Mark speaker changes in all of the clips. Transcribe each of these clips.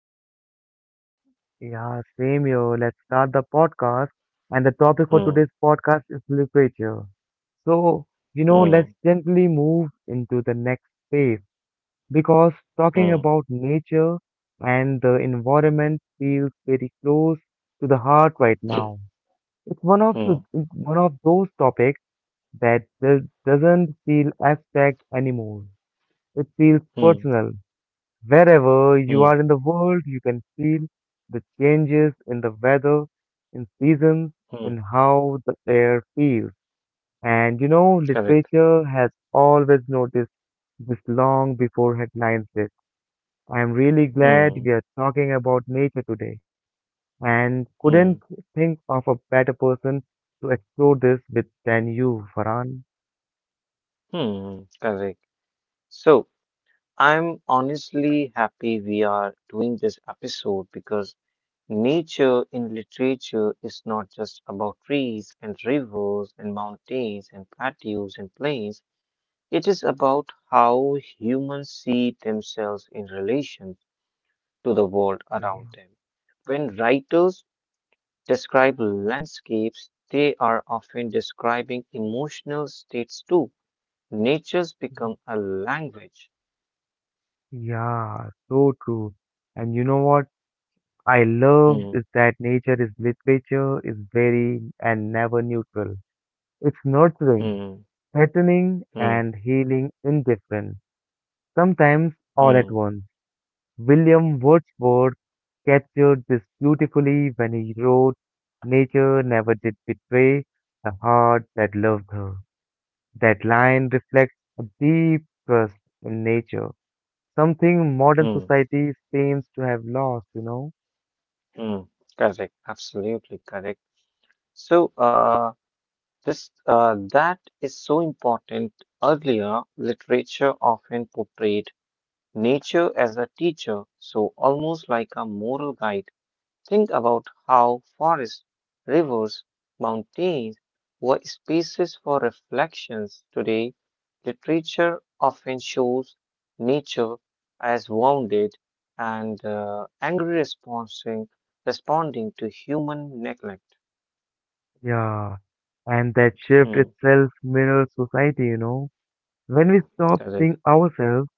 Speaker 1: What about you?
Speaker 2: Yeah, same here. Let's start the podcast. And the topic for today's
Speaker 1: Hmm,
Speaker 2: podcast is literature. So,
Speaker 1: hmm,
Speaker 2: let's gently move into the next phase because
Speaker 1: hmm,
Speaker 2: talking about nature and the environment feels very close to the heart right now. It's
Speaker 1: hmm,
Speaker 2: one of those topics that doesn't feel abstract anymore. It feels
Speaker 1: hmm,
Speaker 2: personal. Wherever you are
Speaker 1: hmm,
Speaker 2: in the world, you can feel the changes in the weather, in seasons, and
Speaker 1: hmm.
Speaker 2: how the air feels. And
Speaker 1: Correct.
Speaker 2: literature has always noticed this long before headlines did. I'm really glad
Speaker 1: Hmm,
Speaker 2: we are talking about nature today and couldn't
Speaker 1: hmm,
Speaker 2: think of a better person to explore this with than you, Farhan.
Speaker 1: hmm. Correct. So, I'm honestly happy we are doing this episode because nature in literature is not just about trees and rivers and mountains and plateaus and plains. It is about how humans see themselves in relation to the world around
Speaker 2: Yeah,
Speaker 1: them. When writers describe landscapes, they are often describing emotional states too. Nature's become a language.
Speaker 2: yeah, so true. And you know what? I love
Speaker 1: Hmm,
Speaker 2: is that nature is literature is very and never neutral. It's nurturing,
Speaker 1: hmm,
Speaker 2: threatening,
Speaker 1: hmm,
Speaker 2: and healing indifferent, sometimes all at
Speaker 1: hmm,
Speaker 2: once. William Wordsworth captured this beautifully when he wrote, "Nature never did betray the heart that loved her." That line reflects a deep trust in nature, something modern
Speaker 1: hmm,
Speaker 2: society seems to have lost.
Speaker 1: hmm. Correct, absolutely correct. So, this that is so important. Earlier, literature often portrayed nature as a teacher, so almost like a moral guide. Think about how forests, rivers, mountains were spaces for reflections. Today, literature often shows nature as wounded and angry responding, to human neglect.
Speaker 2: Yeah, and that shift
Speaker 1: Hmm,
Speaker 2: itself mirrors society. When we stopped
Speaker 1: correct.
Speaker 2: seeing ourselves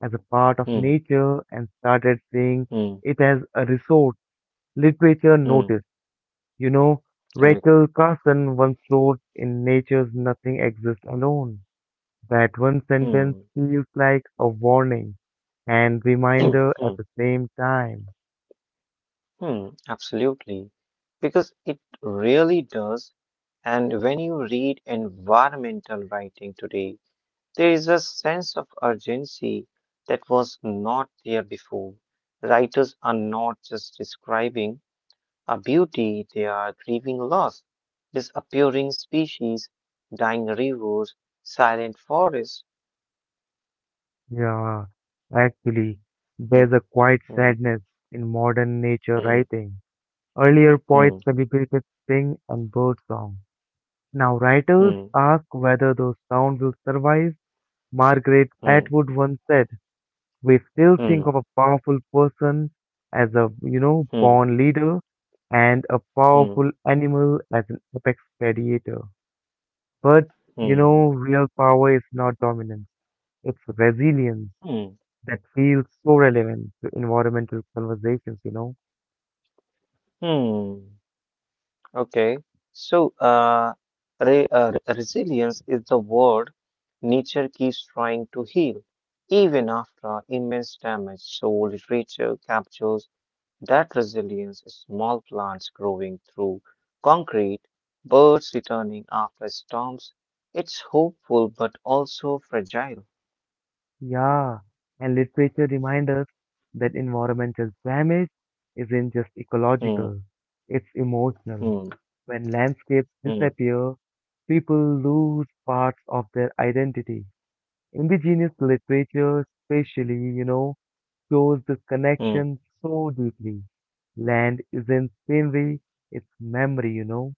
Speaker 2: as a part of
Speaker 1: Hmm,
Speaker 2: nature and started seeing
Speaker 1: hmm,
Speaker 2: it as a resource, literature
Speaker 1: hmm,
Speaker 2: noticed. You know,
Speaker 1: correct.
Speaker 2: Rachel Carson once wrote in Nature's Nothing Exists Alone. That one
Speaker 1: Hmm,
Speaker 2: sentence feels like a warning and reminder
Speaker 1: hmm,
Speaker 2: at the same time.
Speaker 1: hmm, absolutely. Because it really does. And when you read environmental writing today, there is a sense of urgency that was not there before. Writers are not just describing a beauty, they are grieving loss, disappearing species, dying rivers, silent forests.
Speaker 2: Yeah, actually, there's
Speaker 1: Hmm,
Speaker 2: a quiet
Speaker 1: hmm,
Speaker 2: sadness in modern nature
Speaker 1: hmm,
Speaker 2: writing. Earlier poets
Speaker 1: hmm,
Speaker 2: celebrated spring and birdsong. Now writers ask whether those sounds will survive. Margaret
Speaker 1: hmm,
Speaker 2: Atwood once said, We still
Speaker 1: hmm,
Speaker 2: think of a powerful person as a,
Speaker 1: hmm,
Speaker 2: born leader and a
Speaker 1: hmm,
Speaker 2: powerful animal as an apex predator. But,
Speaker 1: hmm,
Speaker 2: you
Speaker 1: hmm,
Speaker 2: know, real power is not dominance. It's resilience
Speaker 1: hmm,
Speaker 2: that feels so relevant to environmental conversations.
Speaker 1: hmm. Okay, so re resilience is the word nature keeps trying to heal, even after immense damage. So literature captures that resilience is small plants growing through concrete, birds returning after storms. It's hopeful but also fragile.
Speaker 2: Yeah, and literature reminds us that environmental damage isn't just
Speaker 1: Hmm,
Speaker 2: ecological, it's emotional.
Speaker 1: hmm,
Speaker 2: When landscapes
Speaker 1: hmm,
Speaker 2: disappear, people lose parts of their identity. Indigenous literature, especially, shows this
Speaker 1: hmm,
Speaker 2: connection so deeply. Land isn't scenery, it's memory.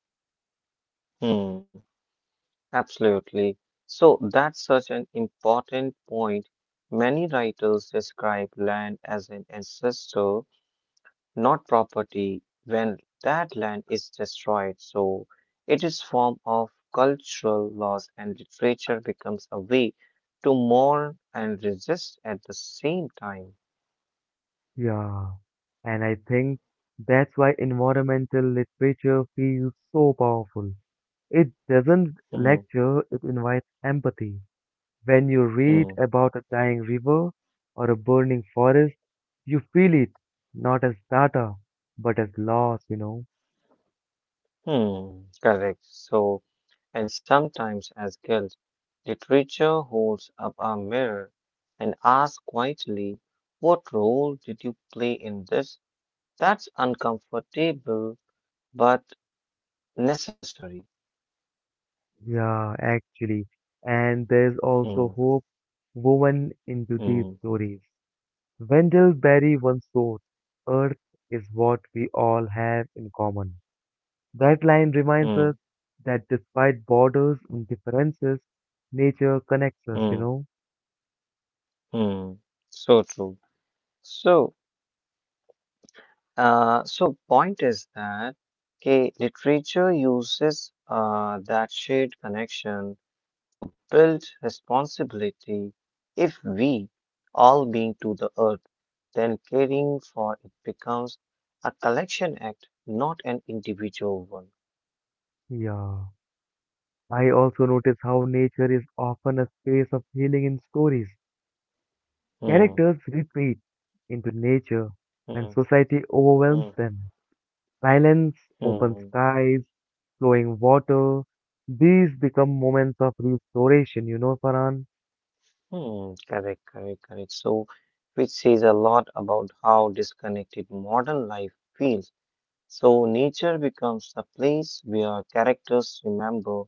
Speaker 1: hmm. Absolutely. So that's such an important point. Many writers describe land as an ancestor, not property. When that land is destroyed, so it is form of cultural loss and literature becomes a way to mourn and resist at the same time.
Speaker 2: Yeah, and I think that's why environmental literature feels so powerful. It doesn't
Speaker 1: Hmm,
Speaker 2: lecture, it invites empathy. When you read
Speaker 1: hmm,
Speaker 2: about a dying river or a burning forest, you feel it, not as data, but as loss.
Speaker 1: hmm. Correct. So and sometimes as guilt. Literature holds up a mirror and asks quietly, what role did you play in this? That's uncomfortable but necessary.
Speaker 2: Yeah, actually. And there's
Speaker 1: Hmm,
Speaker 2: also hope woven into these
Speaker 1: hmm,
Speaker 2: stories. Wendell Berry once wrote, "Earth is what we all have in common." That line reminds
Speaker 1: hmm,
Speaker 2: us that despite borders and differences, nature connects us,
Speaker 1: hmm,
Speaker 2: you know.
Speaker 1: hmm. So true. So, so point is that okay, literature uses that shared connection to build responsibility. If we all being to the earth, then caring for it becomes a collection act, not an individual one.
Speaker 2: Yeah, I also notice how nature is often a space of healing in stories.
Speaker 1: Hmm,
Speaker 2: Characters retreat into nature when
Speaker 1: hmm,
Speaker 2: society overwhelms
Speaker 1: hmm,
Speaker 2: them. Silence, open
Speaker 1: hmm,
Speaker 2: skies, flowing water, these become moments of restoration, Farhan?
Speaker 1: hmm. Correct, correct, correct. So, which says a lot about how disconnected modern life feels. So nature becomes the place where characters remember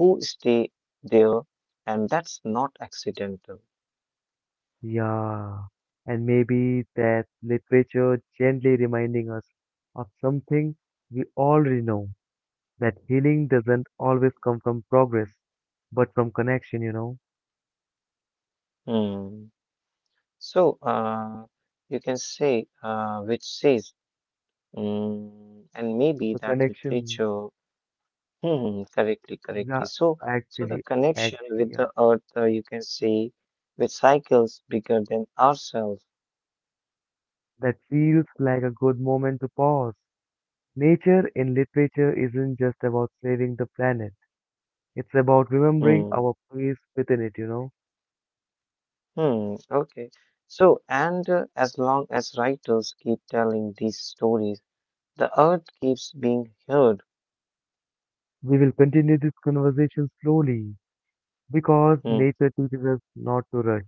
Speaker 1: who stay there, and that's not accidental.
Speaker 2: Yeah, and maybe that literature gently reminding us of something we already know, that healing doesn't always come from progress, but from connection.
Speaker 1: Hmm. So you can say, which says, and maybe
Speaker 2: The
Speaker 1: that
Speaker 2: connection,
Speaker 1: literature, correctly, correctly.
Speaker 2: yeah,
Speaker 1: So, the
Speaker 2: actually,
Speaker 1: connection
Speaker 2: actually,
Speaker 1: with
Speaker 2: yeah.
Speaker 1: the earth, you can say, with cycles bigger than ourselves.
Speaker 2: That feels like a good moment to pause. Nature in literature isn't just about saving the planet. It's about remembering
Speaker 1: Hmm.
Speaker 2: our place within it.
Speaker 1: Hmm, okay. So, and as long as writers keep telling these stories, the earth keeps being heard.
Speaker 2: We will continue this conversation slowly because
Speaker 1: Hmm,
Speaker 2: nature teaches us not to rush.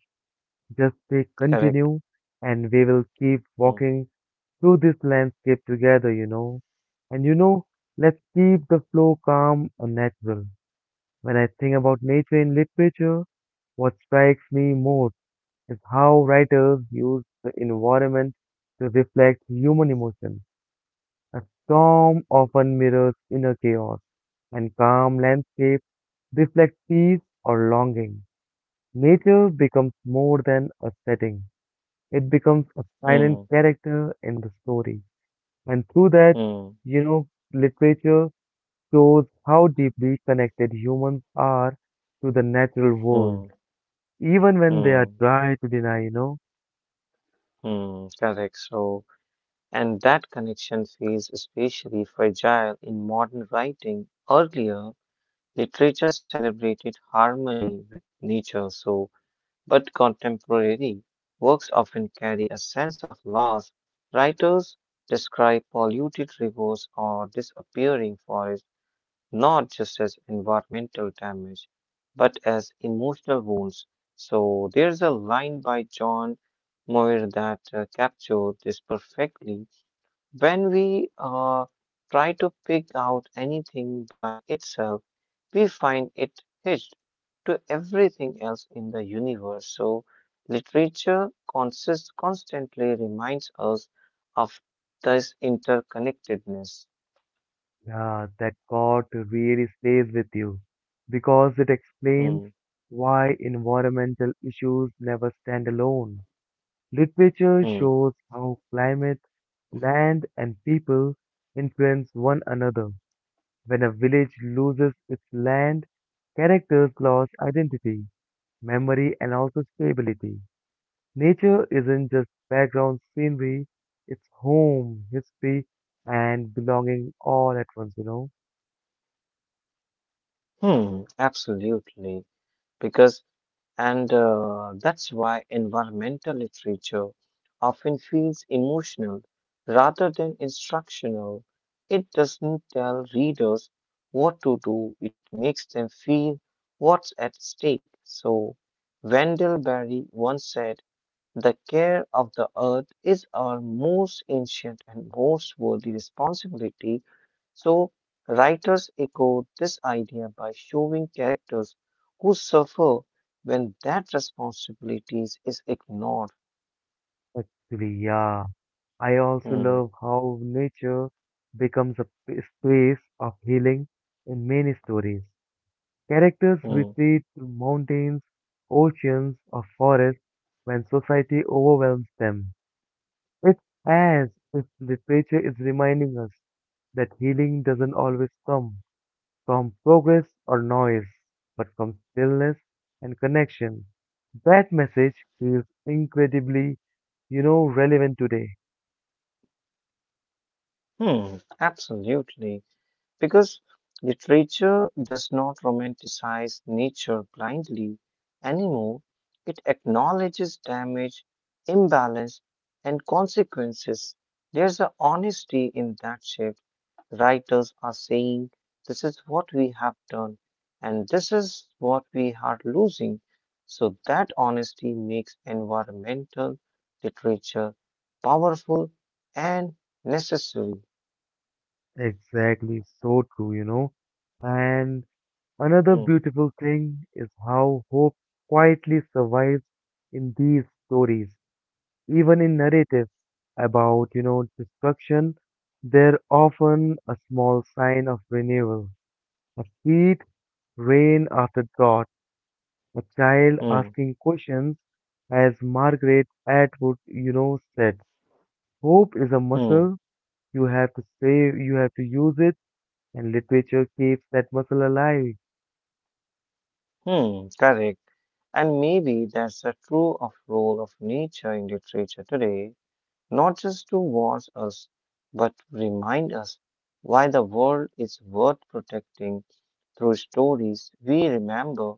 Speaker 2: Just say
Speaker 1: correct.
Speaker 2: continue and we will keep
Speaker 1: Hmm,
Speaker 2: walking through this landscape together. And let's keep the flow calm and natural. When I think about nature in literature, what strikes me most is how writers use the environment to reflect human emotion. A storm often mirrors inner chaos, and calm landscapes reflect peace or longing. Nature becomes more than a setting. It becomes a silent
Speaker 1: hmm,
Speaker 2: character in the story. And through that,
Speaker 1: hmm,
Speaker 2: you know, literature shows how deeply connected humans are to the natural world.
Speaker 1: hmm,
Speaker 2: Even when they are
Speaker 1: hmm,
Speaker 2: trying to deny,
Speaker 1: hmm, correct. So, and that connection feels especially fragile in modern writing. Earlier, literature celebrated harmony with nature. So, but contemporary works often carry a sense of loss. Writers describe polluted rivers or disappearing forests not just as environmental damage, but as emotional wounds. So there's a line by John Moir that captured this perfectly. When we try to pick out anything by itself, we find it hitched to everything else in the universe. So, literature constantly reminds us of this interconnectedness.
Speaker 2: yeah, that God really stays with you because it
Speaker 1: Hmm,
Speaker 2: explains why environmental issues never stand alone. Literature
Speaker 1: hmm,
Speaker 2: shows how climate, land, and people influence one another. When a village loses its land, characters lose identity, memory, and also stability. Nature isn't just background scenery, it's home, history, and belonging all at once.
Speaker 1: hmm, absolutely. Because And that's why environmental literature often feels emotional rather than instructional. It doesn't tell readers what to do, it makes them feel what's at stake. So, Wendell Berry once said, the care of the earth is our most ancient and most worthy responsibility. So, writers echoed this idea by showing characters who suffer when that responsibilities is ignored.
Speaker 2: Actually, yeah. I also
Speaker 1: Hmm,
Speaker 2: love how nature becomes a space of healing in many stories. Characters
Speaker 1: hmm,
Speaker 2: retreat to mountains, oceans, or forests when society overwhelms them. It's as if literature is reminding us that healing doesn't always come from progress or noise, but from stillness and connection. That message feels incredibly, relevant today.
Speaker 1: hmm, absolutely. Because literature does not romanticize nature blindly anymore. It acknowledges damage, imbalance, and consequences. There's an honesty in that shift. Writers are saying, this is what we have done, and this is what we are losing. So, that honesty makes environmental literature powerful and necessary.
Speaker 2: Exactly, so true. And another
Speaker 1: Mm,
Speaker 2: beautiful thing is how hope quietly survives in these stories, even in narratives about, destruction. They're often a small sign of renewal, a seed rain after drought. A child
Speaker 1: mm,
Speaker 2: asking questions, as Margaret Atwood, said, hope is a
Speaker 1: mm.
Speaker 2: muscle. You have to save, you have to use it, and literature keeps that muscle alive.
Speaker 1: Hmm, correct. And maybe that's the true of role of nature in literature today, not just to watch us, but to remind us why the world is worth protecting through stories we remember,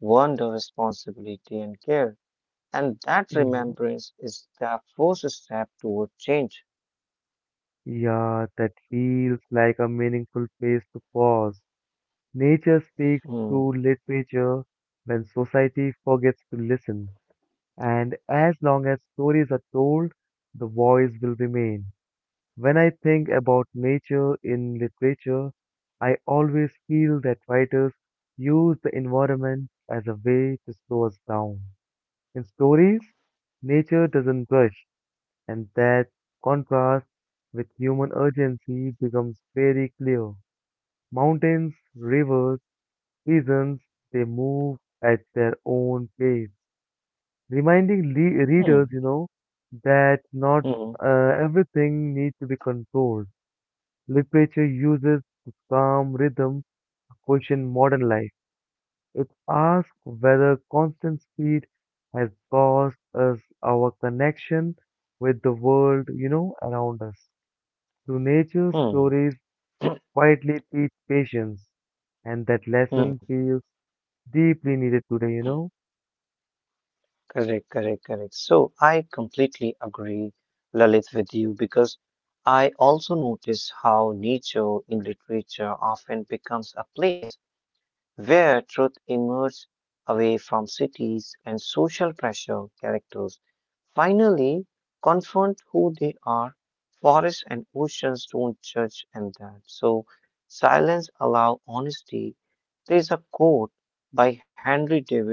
Speaker 1: wonder, responsibility, and care. And that
Speaker 2: Yeah,
Speaker 1: remembrance is the first step toward change.
Speaker 2: yeah, that feels like a meaningful place to pause. Nature speaks
Speaker 1: Hmm,
Speaker 2: through literature when society forgets to listen. And as long as stories are told, the voice will remain. When I think about nature in literature, I always feel that writers use the environment as a way to slow us down. In stories, nature doesn't rush, and that contrast with human urgency becomes very clear. Mountains, rivers, seasons, they move at their own pace, reminding readers,
Speaker 1: hmm,
Speaker 2: that not
Speaker 1: hmm,
Speaker 2: everything needs to be controlled. Literature uses the calm rhythm to question modern life. It asks whether constant speed has cost us our connection with the world, around us. Through nature,
Speaker 1: hmm,
Speaker 2: stories quietly teach patience, and that
Speaker 1: hmm.
Speaker 2: lesson feels deeply needed today.
Speaker 1: Correct, correct, correct. So I completely agree, Lalit, with you because I also notice how nature in literature often becomes a place where truth emerges away from cities and social pressure. Characters finally confront who they are. Forests and oceans don't judge, and that so silence allow honesty. There is a quote by Henry David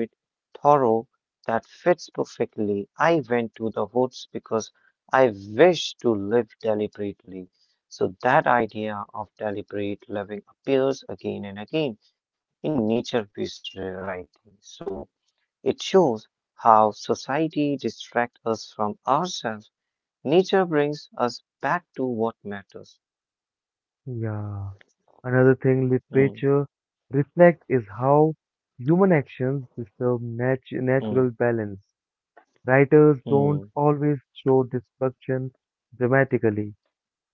Speaker 1: Thoreau that fits perfectly. I went to the woods because I wish to live deliberately. So that idea of deliberate living appears again and again in nature based writing. So it shows how society distracts us from ourselves. Nature brings us back to what matters.
Speaker 2: Yeah. Another thing
Speaker 1: Hmm,
Speaker 2: literature reflects is how human actions disturb
Speaker 1: hmm,
Speaker 2: natural balance. Writers don't
Speaker 1: hmm,
Speaker 2: always show destruction dramatically.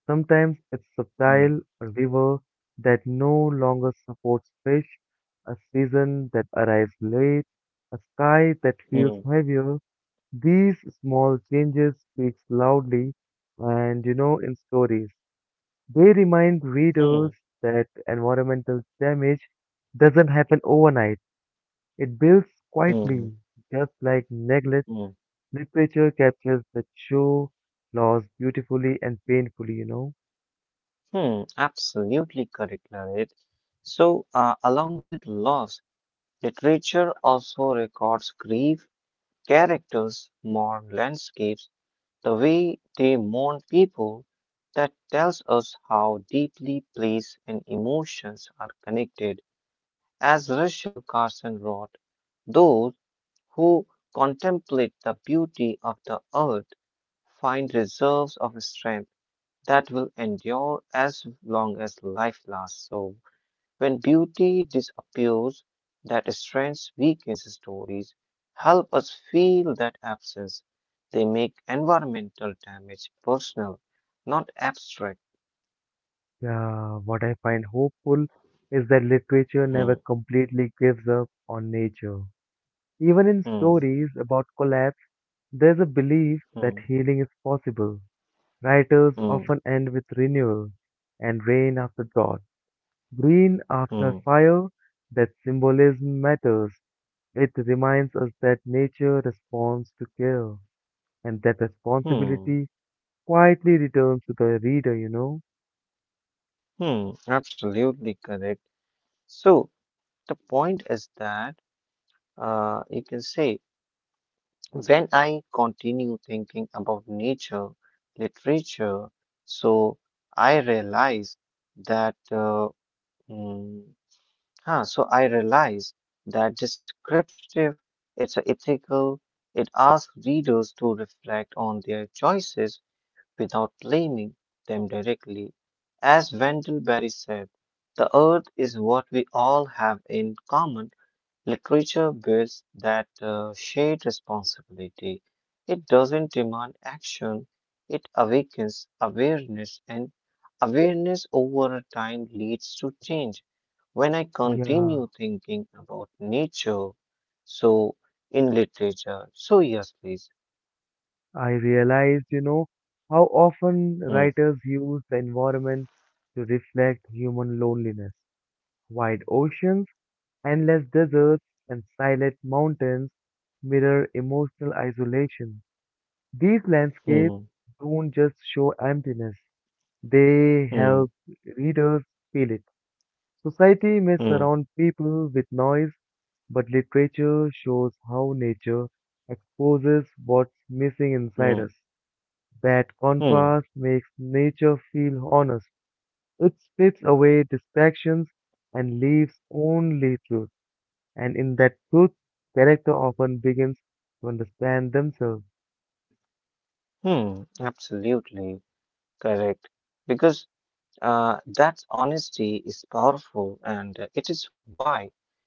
Speaker 2: Sometimes it's
Speaker 1: hmm,
Speaker 2: subtle, a river that no longer supports fish, a season that arrives late, a sky that feels
Speaker 1: hmm,
Speaker 2: heavier. These small changes speak loudly and in stories. They remind
Speaker 1: hmm,
Speaker 2: readers that environmental damage doesn't happen overnight. It builds
Speaker 1: hmm,
Speaker 2: quietly, just like neglect.
Speaker 1: hmm,
Speaker 2: Literature captures the true loss beautifully and painfully.
Speaker 1: hmm. Absolutely correct, Lalit. So, along with loss, literature also records grief, characters, mourn landscapes, the way they mourn people, that tells us how deeply place and emotions are connected. As Russell Carson wrote, those who contemplate the beauty of the earth find reserves of strength that will endure as long as life lasts. So, when beauty disappears, that strength weakens stories help us feel that absence. They make environmental damage personal, not abstract.
Speaker 2: Yeah, what I find hopeful is that literature never
Speaker 1: Hmm,
Speaker 2: completely gives up on nature. Even in
Speaker 1: hmm,
Speaker 2: stories about collapse, there's a belief that
Speaker 1: hmm,
Speaker 2: healing is possible. Writers
Speaker 1: hmm,
Speaker 2: often end with renewal and rain after drought, green after
Speaker 1: hmm,
Speaker 2: fire. That symbolism matters. It reminds us that nature responds to care and that
Speaker 1: hmm,
Speaker 2: responsibility quietly returns to the reader.
Speaker 1: hmm. Absolutely correct. So, the point is that you can say when I continue thinking about nature, literature, so I realize that. Uh, Mm. So I realize that descriptive, it's ethical, it asks readers to reflect on their choices without blaming them directly. As Wendell Berry said, the earth is what we all have in common. Literature builds that shared responsibility. It doesn't demand action, it awakens awareness, and awareness over a time leads to change. When I
Speaker 2: Yeah,
Speaker 1: continue thinking about nature, so in literature, so yes, please.
Speaker 2: I realized, how often
Speaker 1: Hmm,
Speaker 2: writers use the environment to reflect human loneliness. Wide oceans, endless deserts, and silent mountains mirror emotional isolation. These landscapes
Speaker 1: hmm,
Speaker 2: don't just show emptiness, they help
Speaker 1: hmm,
Speaker 2: readers feel it. Society may
Speaker 1: hmm,
Speaker 2: surround people with noise, but literature shows how nature exposes what's missing inside
Speaker 1: hmm,
Speaker 2: us. That
Speaker 1: hmm,
Speaker 2: contrast makes nature feel honest. It strips away distractions and leaves only truth. And in that truth, character often begins to understand themselves.
Speaker 1: hmm, absolutely correct. Because that honesty is powerful, and it is why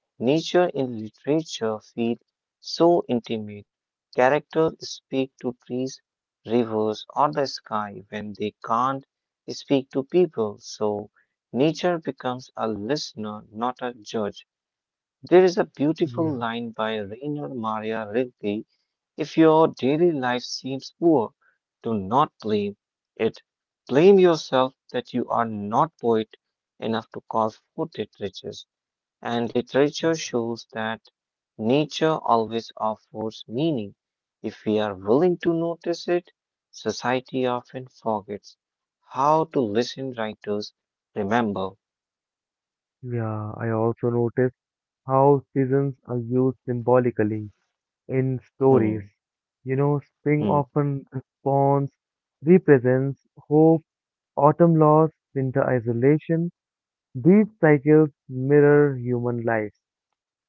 Speaker 1: nature in literature feels so intimate. Characters speak to trees, rivers, or the sky when they can't speak to people. So, nature becomes a listener, not a judge. There is a beautiful
Speaker 2: Yeah.
Speaker 1: line by Rainer Maria Rilke. If your daily life seems poor, do not blame it. Blame yourself that you are not poet enough to call for literature. And literature shows that nature always offers meaning. If we are willing to notice it, society often forgets how to listen. Writers remember.
Speaker 2: Yeah, I also noticed how seasons are used symbolically in stories.
Speaker 1: Hmm,
Speaker 2: Spring
Speaker 1: hmm,
Speaker 2: often responds, represents hope. Autumn loss, winter isolation, these cycles mirror human lives.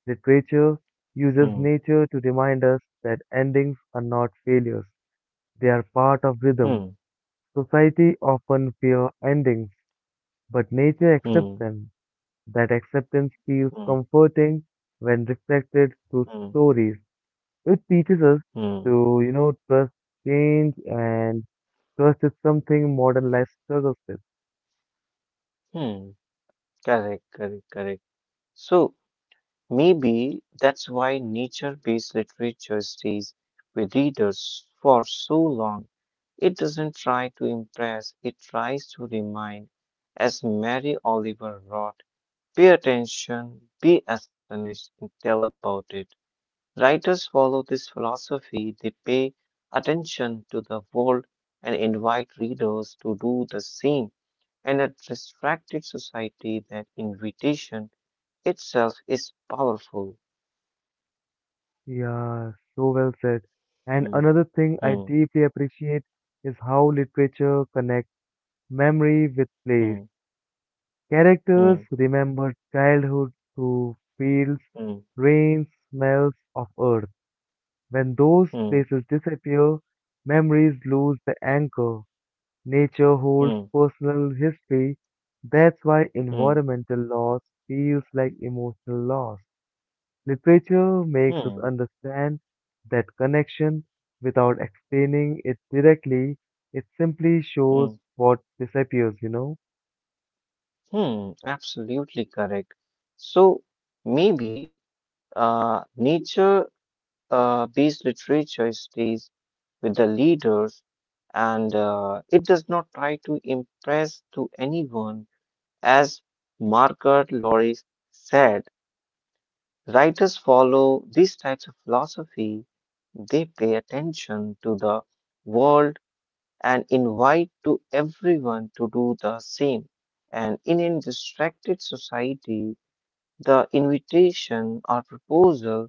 Speaker 2: Literature
Speaker 1: hmm,
Speaker 2: uses nature to remind us that endings are not failures, they are part of rhythm.
Speaker 1: hmm,
Speaker 2: Society often fear endings, but nature accepts
Speaker 1: hmm,
Speaker 2: them. That acceptance feels
Speaker 1: hmm.
Speaker 2: comforting when reflected through
Speaker 1: Hmm.
Speaker 2: stories. It teaches us
Speaker 1: Hmm.
Speaker 2: to, trust change and trust is something modern life struggles with.
Speaker 1: Hmm. Correct, correct, correct. So maybe that's why nature-based literature stays with readers for so long. It doesn't try to impress, it tries to remind, as Mary Oliver wrote, pay attention, be astonished, and tell about it. Writers follow this philosophy, they pay attention to the world and invite readers to do the same. And a distracted society that invitation itself is powerful.
Speaker 2: Yeah, so well said. And
Speaker 1: Hmm,
Speaker 2: another thing I
Speaker 1: hmm,
Speaker 2: deeply appreciate is how literature connects memory with place.
Speaker 1: hmm, hmm,
Speaker 2: Characters remember childhood through fields, rains, smells of earth. When those
Speaker 1: hmm,
Speaker 2: places disappear, memories lose the anchor. Nature
Speaker 1: hmm,
Speaker 2: holds
Speaker 1: hmm,
Speaker 2: personal history. That's why
Speaker 1: hmm,
Speaker 2: environmental loss feels like emotional loss. Literature makes us
Speaker 1: hmm,
Speaker 2: understand that connection without explaining it directly. It simply
Speaker 1: hmm,
Speaker 2: shows what disappears.
Speaker 1: hmm. Absolutely correct. So maybe nature based literature stays with the leaders and it does not try to impress to anyone as Margaret Loris said. Writers follow these types of philosophy. They pay attention to the world and invite to everyone to do the same. And in a distracted society, the invitation or proposal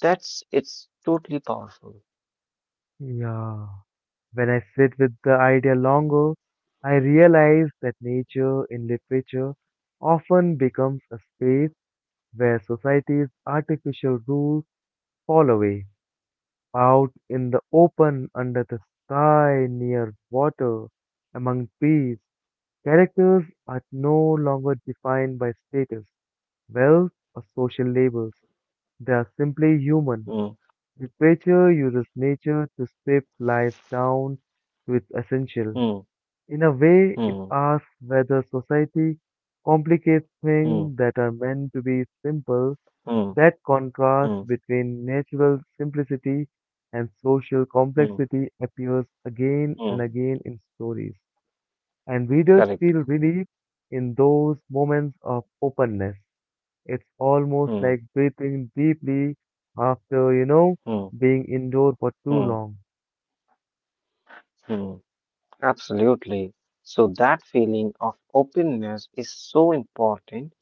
Speaker 1: that's it's totally powerful.
Speaker 2: Yeah. When I sit with the idea longer, I realize that nature in literature often becomes a space where society's artificial rules fall away. Out in the open, under the sky, near water, among trees, characters are no longer defined by status, wealth, or social labels. They are simply human.
Speaker 1: Hmm,
Speaker 2: Literature uses nature to strip life down to its essential.
Speaker 1: hmm,
Speaker 2: In a way, it
Speaker 1: hmm,
Speaker 2: asks whether society complicates
Speaker 1: hmm,
Speaker 2: things that are meant to be simple.
Speaker 1: hmm,
Speaker 2: That contrast
Speaker 1: hmm,
Speaker 2: between natural simplicity and social
Speaker 1: hmm,
Speaker 2: complexity appears again and
Speaker 1: hmm.
Speaker 2: again in stories. And readers
Speaker 1: Correct.
Speaker 2: feel relief in those moments of openness. It's almost
Speaker 1: Hmm,
Speaker 2: like breathing deeply after,
Speaker 1: hmm,
Speaker 2: being indoor for too
Speaker 1: hmm,
Speaker 2: long.
Speaker 1: hmm. Absolutely. So that feeling of openness is so important,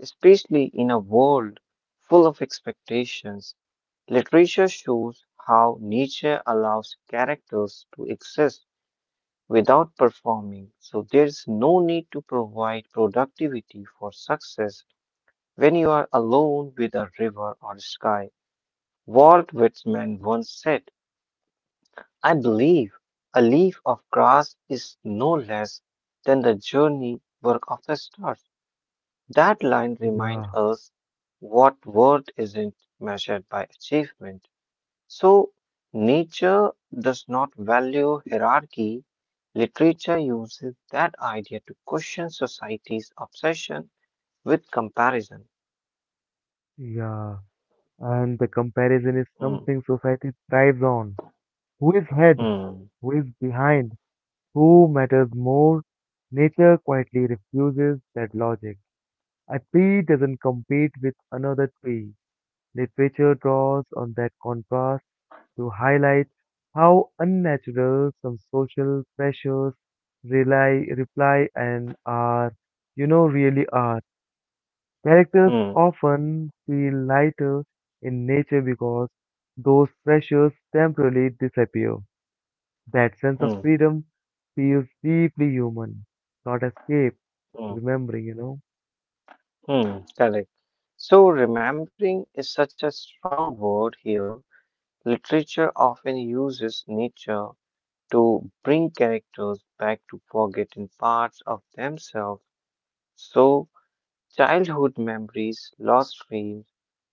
Speaker 1: especially in a world full of expectations. Literature shows how nature allows characters to exist without performing, so there is no need to provide productivity for success when you are alone with a river or sky. Walt Whitman once said, I believe a leaf of grass is no less than the journey work of the stars. That line
Speaker 2: Yeah,
Speaker 1: reminds us what worth isn't measured by achievement. So, nature does not value hierarchy. Literature uses that idea to question society's obsession with comparison.
Speaker 2: yeah. And the comparison is
Speaker 1: Mm,
Speaker 2: something society thrives on. Who is ahead?
Speaker 1: mm,
Speaker 2: Who is behind? Who matters more? Nature quietly refuses that logic. A tree doesn't compete with another tree. Literature draws on that contrast to highlight how unnatural some social pressures rely, reply and are, really are. Characters
Speaker 1: mm,
Speaker 2: often feel lighter in nature because those pressures temporarily disappear. That sense of
Speaker 1: mm,
Speaker 2: freedom feels deeply human, not escape,
Speaker 1: mm,
Speaker 2: remembering.
Speaker 1: mm. Correct. So, remembering is such a strong word here. Literature often uses nature to bring characters back to forgotten parts of themselves. So, childhood memories, lost dreams,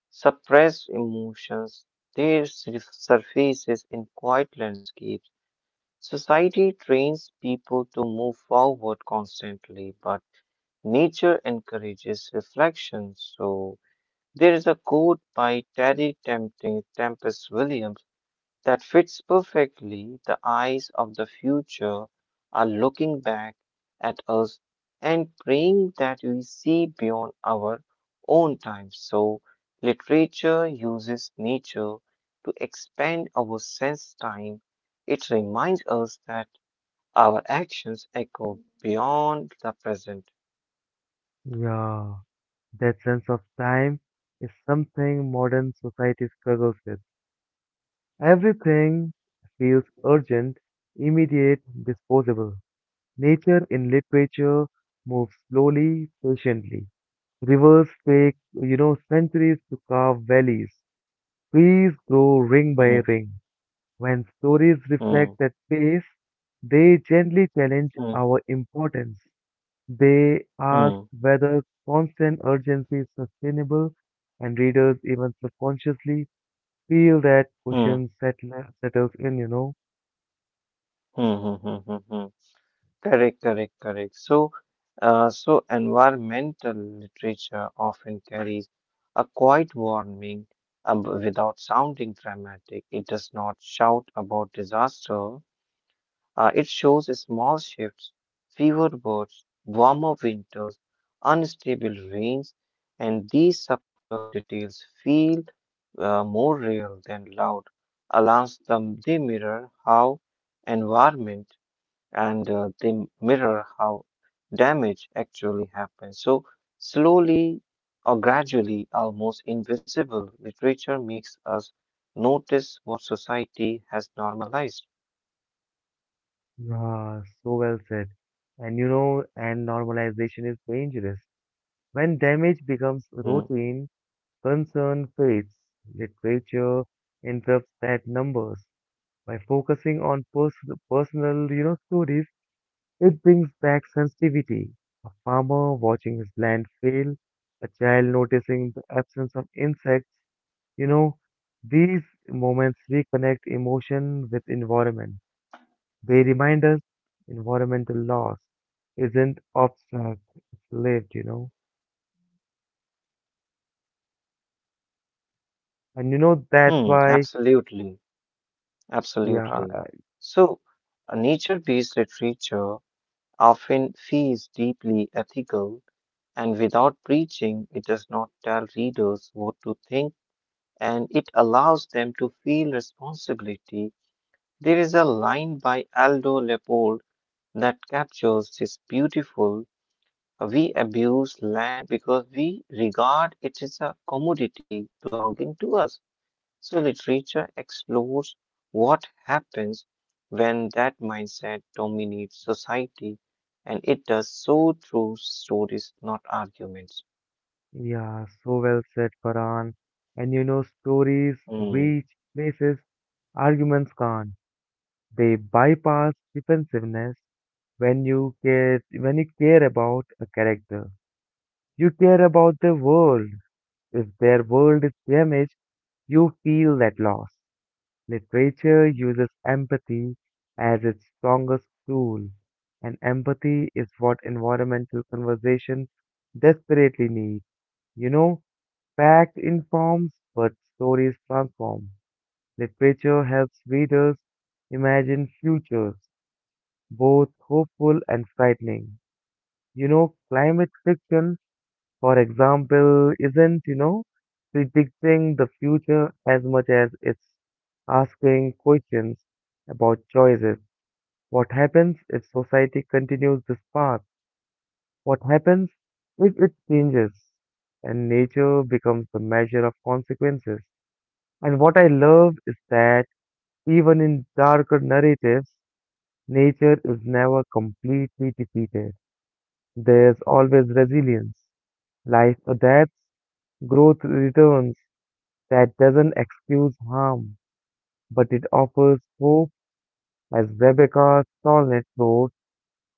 Speaker 1: suppressed emotions, they surfaces in quiet landscapes. Society trains people to move forward constantly, but nature encourages reflection. So, there is a quote by Terry Tempest Williams that fits perfectly. The eyes of the future are looking back at us and praying that we see beyond our own time. So, literature uses nature to expand our sense time. It reminds us that our actions echo beyond the present.
Speaker 2: Yeah, that sense of time is something modern society struggles with. Everything feels urgent, immediate, disposable. Nature in literature moves slowly, patiently. Rivers take, centuries to carve valleys. Trees grow ring
Speaker 1: Hmm,
Speaker 2: by ring. When stories
Speaker 1: hmm,
Speaker 2: reflect that pace, they gently challenge
Speaker 1: hmm,
Speaker 2: our importance. They ask
Speaker 1: hmm,
Speaker 2: whether constant urgency is sustainable, and readers, even subconsciously, feel that
Speaker 1: hmm, hmm,
Speaker 2: question settles in,
Speaker 1: hmm, hmm, hmm, hmm. Correct, correct, correct. So, environmental literature often carries a quiet warning uh, without sounding dramatic. It does not shout about disaster. It shows small shifts, fewer birds, warmer winters, unstable rains, and these subtle details feel more real than loud alarms. They mirror how environment and they mirror how damage actually happens. So, slowly or gradually, almost invisible, literature makes us notice what society has normalized.
Speaker 2: Ah, so well said. And you know, and normalization is dangerous. When damage becomes
Speaker 1: Mm.
Speaker 2: routine, concern fades. Literature interrupts that numbers. By focusing on personal, stories, it brings back sensitivity. A farmer watching his land fail, a child noticing the absence of insects, you know, these moments reconnect emotion with environment. They remind us environmental loss isn't abstract, it's lived. And you know, that's
Speaker 1: Hmm,
Speaker 2: why,
Speaker 1: absolutely,
Speaker 2: yeah,
Speaker 1: absolutely.
Speaker 2: uh,
Speaker 1: So, nature based literature often feels deeply ethical, and without preaching, it does not tell readers what to think and it allows them to feel responsibility. There is a line by Aldo Leopold that captures this beautiful. We abuse land because we regard it as a commodity belonging to us. So literature explores what happens when that mindset dominates society, and it does so through stories, not arguments.
Speaker 2: yeah, so well said, Farhan. And you know, stories
Speaker 1: Hmm.
Speaker 2: reach places arguments can't. They bypass defensiveness when you care about a character, you care about the world. If their world is damaged, you feel that loss. Literature uses empathy as its strongest tool, and empathy is what environmental conversation desperately needs. You know, fact informs, but stories transform. Literature helps readers imagine futures, both hopeful and frightening. You know, climate fiction for example, isn't, predicting the future as much as it's asking questions about choices. What happens if society continues this path? What happens if it changes and nature becomes the measure of consequences? And what I love is that even in darker narratives, nature is never completely defeated. There's always resilience. Life adapts, growth returns. That doesn't excuse harm, but it offers hope. As Rebecca Solnit wrote,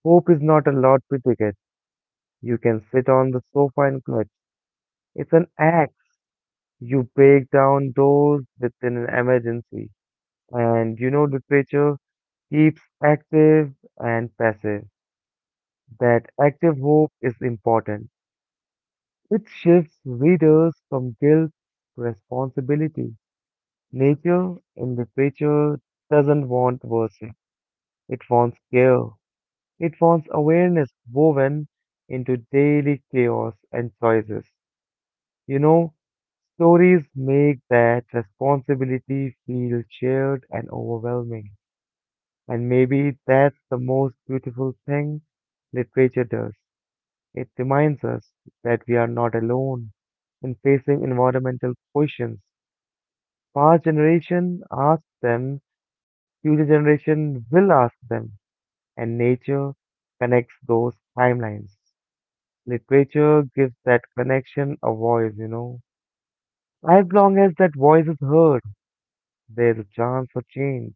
Speaker 2: hope is not a lottery ticket you can sit on the sofa and clutch. It's an axe. You break down doors within an emergency. And you know, literature keeps active and passive. That active hope is important. It shifts readers from guilt to responsibility. Nature in literature doesn't want worship. It wants care. It wants awareness woven into daily chaos and choices. You know, stories make that responsibility feel shared and overwhelming. And maybe that's the most beautiful thing literature does. It reminds us that we are not alone in facing environmental questions. Past generation asked them, future generation will ask them, and nature connects those timelines. Literature gives that connection a voice. As long as that voice is heard, there's a chance for change.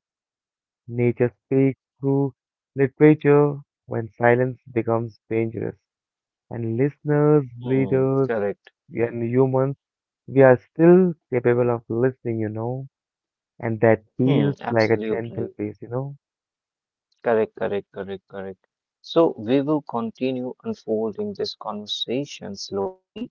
Speaker 2: Nature speaks through literature when silence becomes dangerous. And listeners,
Speaker 1: Hmm.
Speaker 2: readers,
Speaker 1: Correct.
Speaker 2: and humans, we are still capable of listening. And that
Speaker 1: Hmm.
Speaker 2: feels like a gentle
Speaker 1: Absolutely.
Speaker 2: pace, you know.
Speaker 1: Correct, correct, correct, correct. So we will continue unfolding this conversation slowly,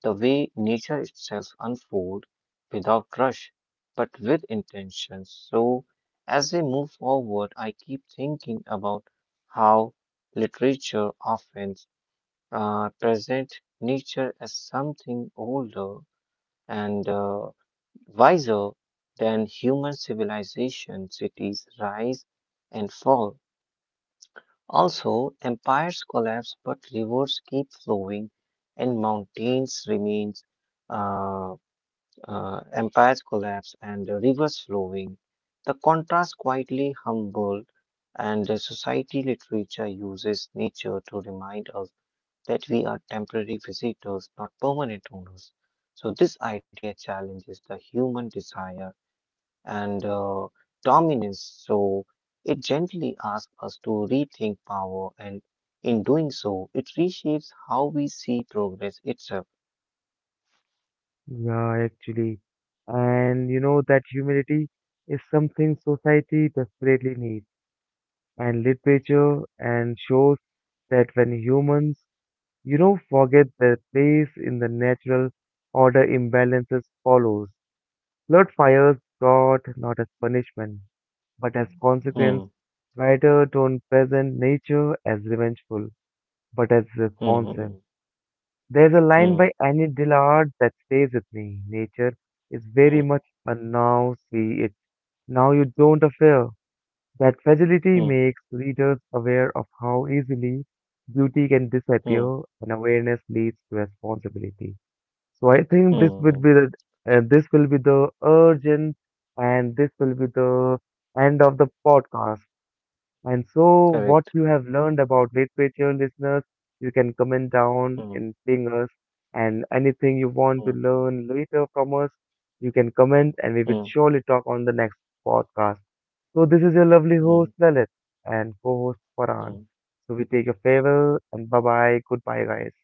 Speaker 1: the way nature itself unfold without rush, but with intention. So as we move forward, I keep thinking about how literature often present nature as something older and wiser than human civilization. Cities rise and fall also, empires collapse, but rivers keep flowing, and mountains remains. Uh, empires collapse and the rivers flowing. The contrast quietly humble, and the society literature uses nature to remind us that we are temporary visitors, not permanent owners. So this idea challenges the human desire and dominance. So it gently asks us to rethink power, and in doing so, it reshapes how we see progress itself.
Speaker 2: Yeah, actually. And you know that humility is something society desperately needs. And literature and shows that when humans, forget their place in the natural order, imbalances follows. Blood fires God not as punishment, but as consequence.
Speaker 1: Hmm,
Speaker 2: Writer don't present nature as revengeful, but as responsive.
Speaker 1: hmm,
Speaker 2: There's a
Speaker 1: hmm,
Speaker 2: line
Speaker 1: hmm,
Speaker 2: by Annie Dillard that stays with me. Nature is very
Speaker 1: hmm,
Speaker 2: much a now see it, now you don't affair. That fragility
Speaker 1: hmm,
Speaker 2: makes readers aware of how easily beauty can
Speaker 1: hmm,
Speaker 2: disappear, and awareness leads to responsibility. So I think
Speaker 1: hmm,
Speaker 2: this
Speaker 1: hmm.
Speaker 2: would be the urgent, and this will be the end of the podcast. And so,
Speaker 1: Correct.
Speaker 2: what you have learned about literature, listeners, you can comment down
Speaker 1: Hmm,
Speaker 2: and ping us. And anything you want to
Speaker 1: hmm,
Speaker 2: learn later from us, you can comment and we will
Speaker 1: hmm,
Speaker 2: surely talk on the next podcast. So, this is your lovely
Speaker 1: hmm, hmm.
Speaker 2: host, Lalit, and co host,
Speaker 1: Hmm,
Speaker 2: Farhan.
Speaker 1: hmm.
Speaker 2: So, we take a farewell and bye bye. Goodbye, guys.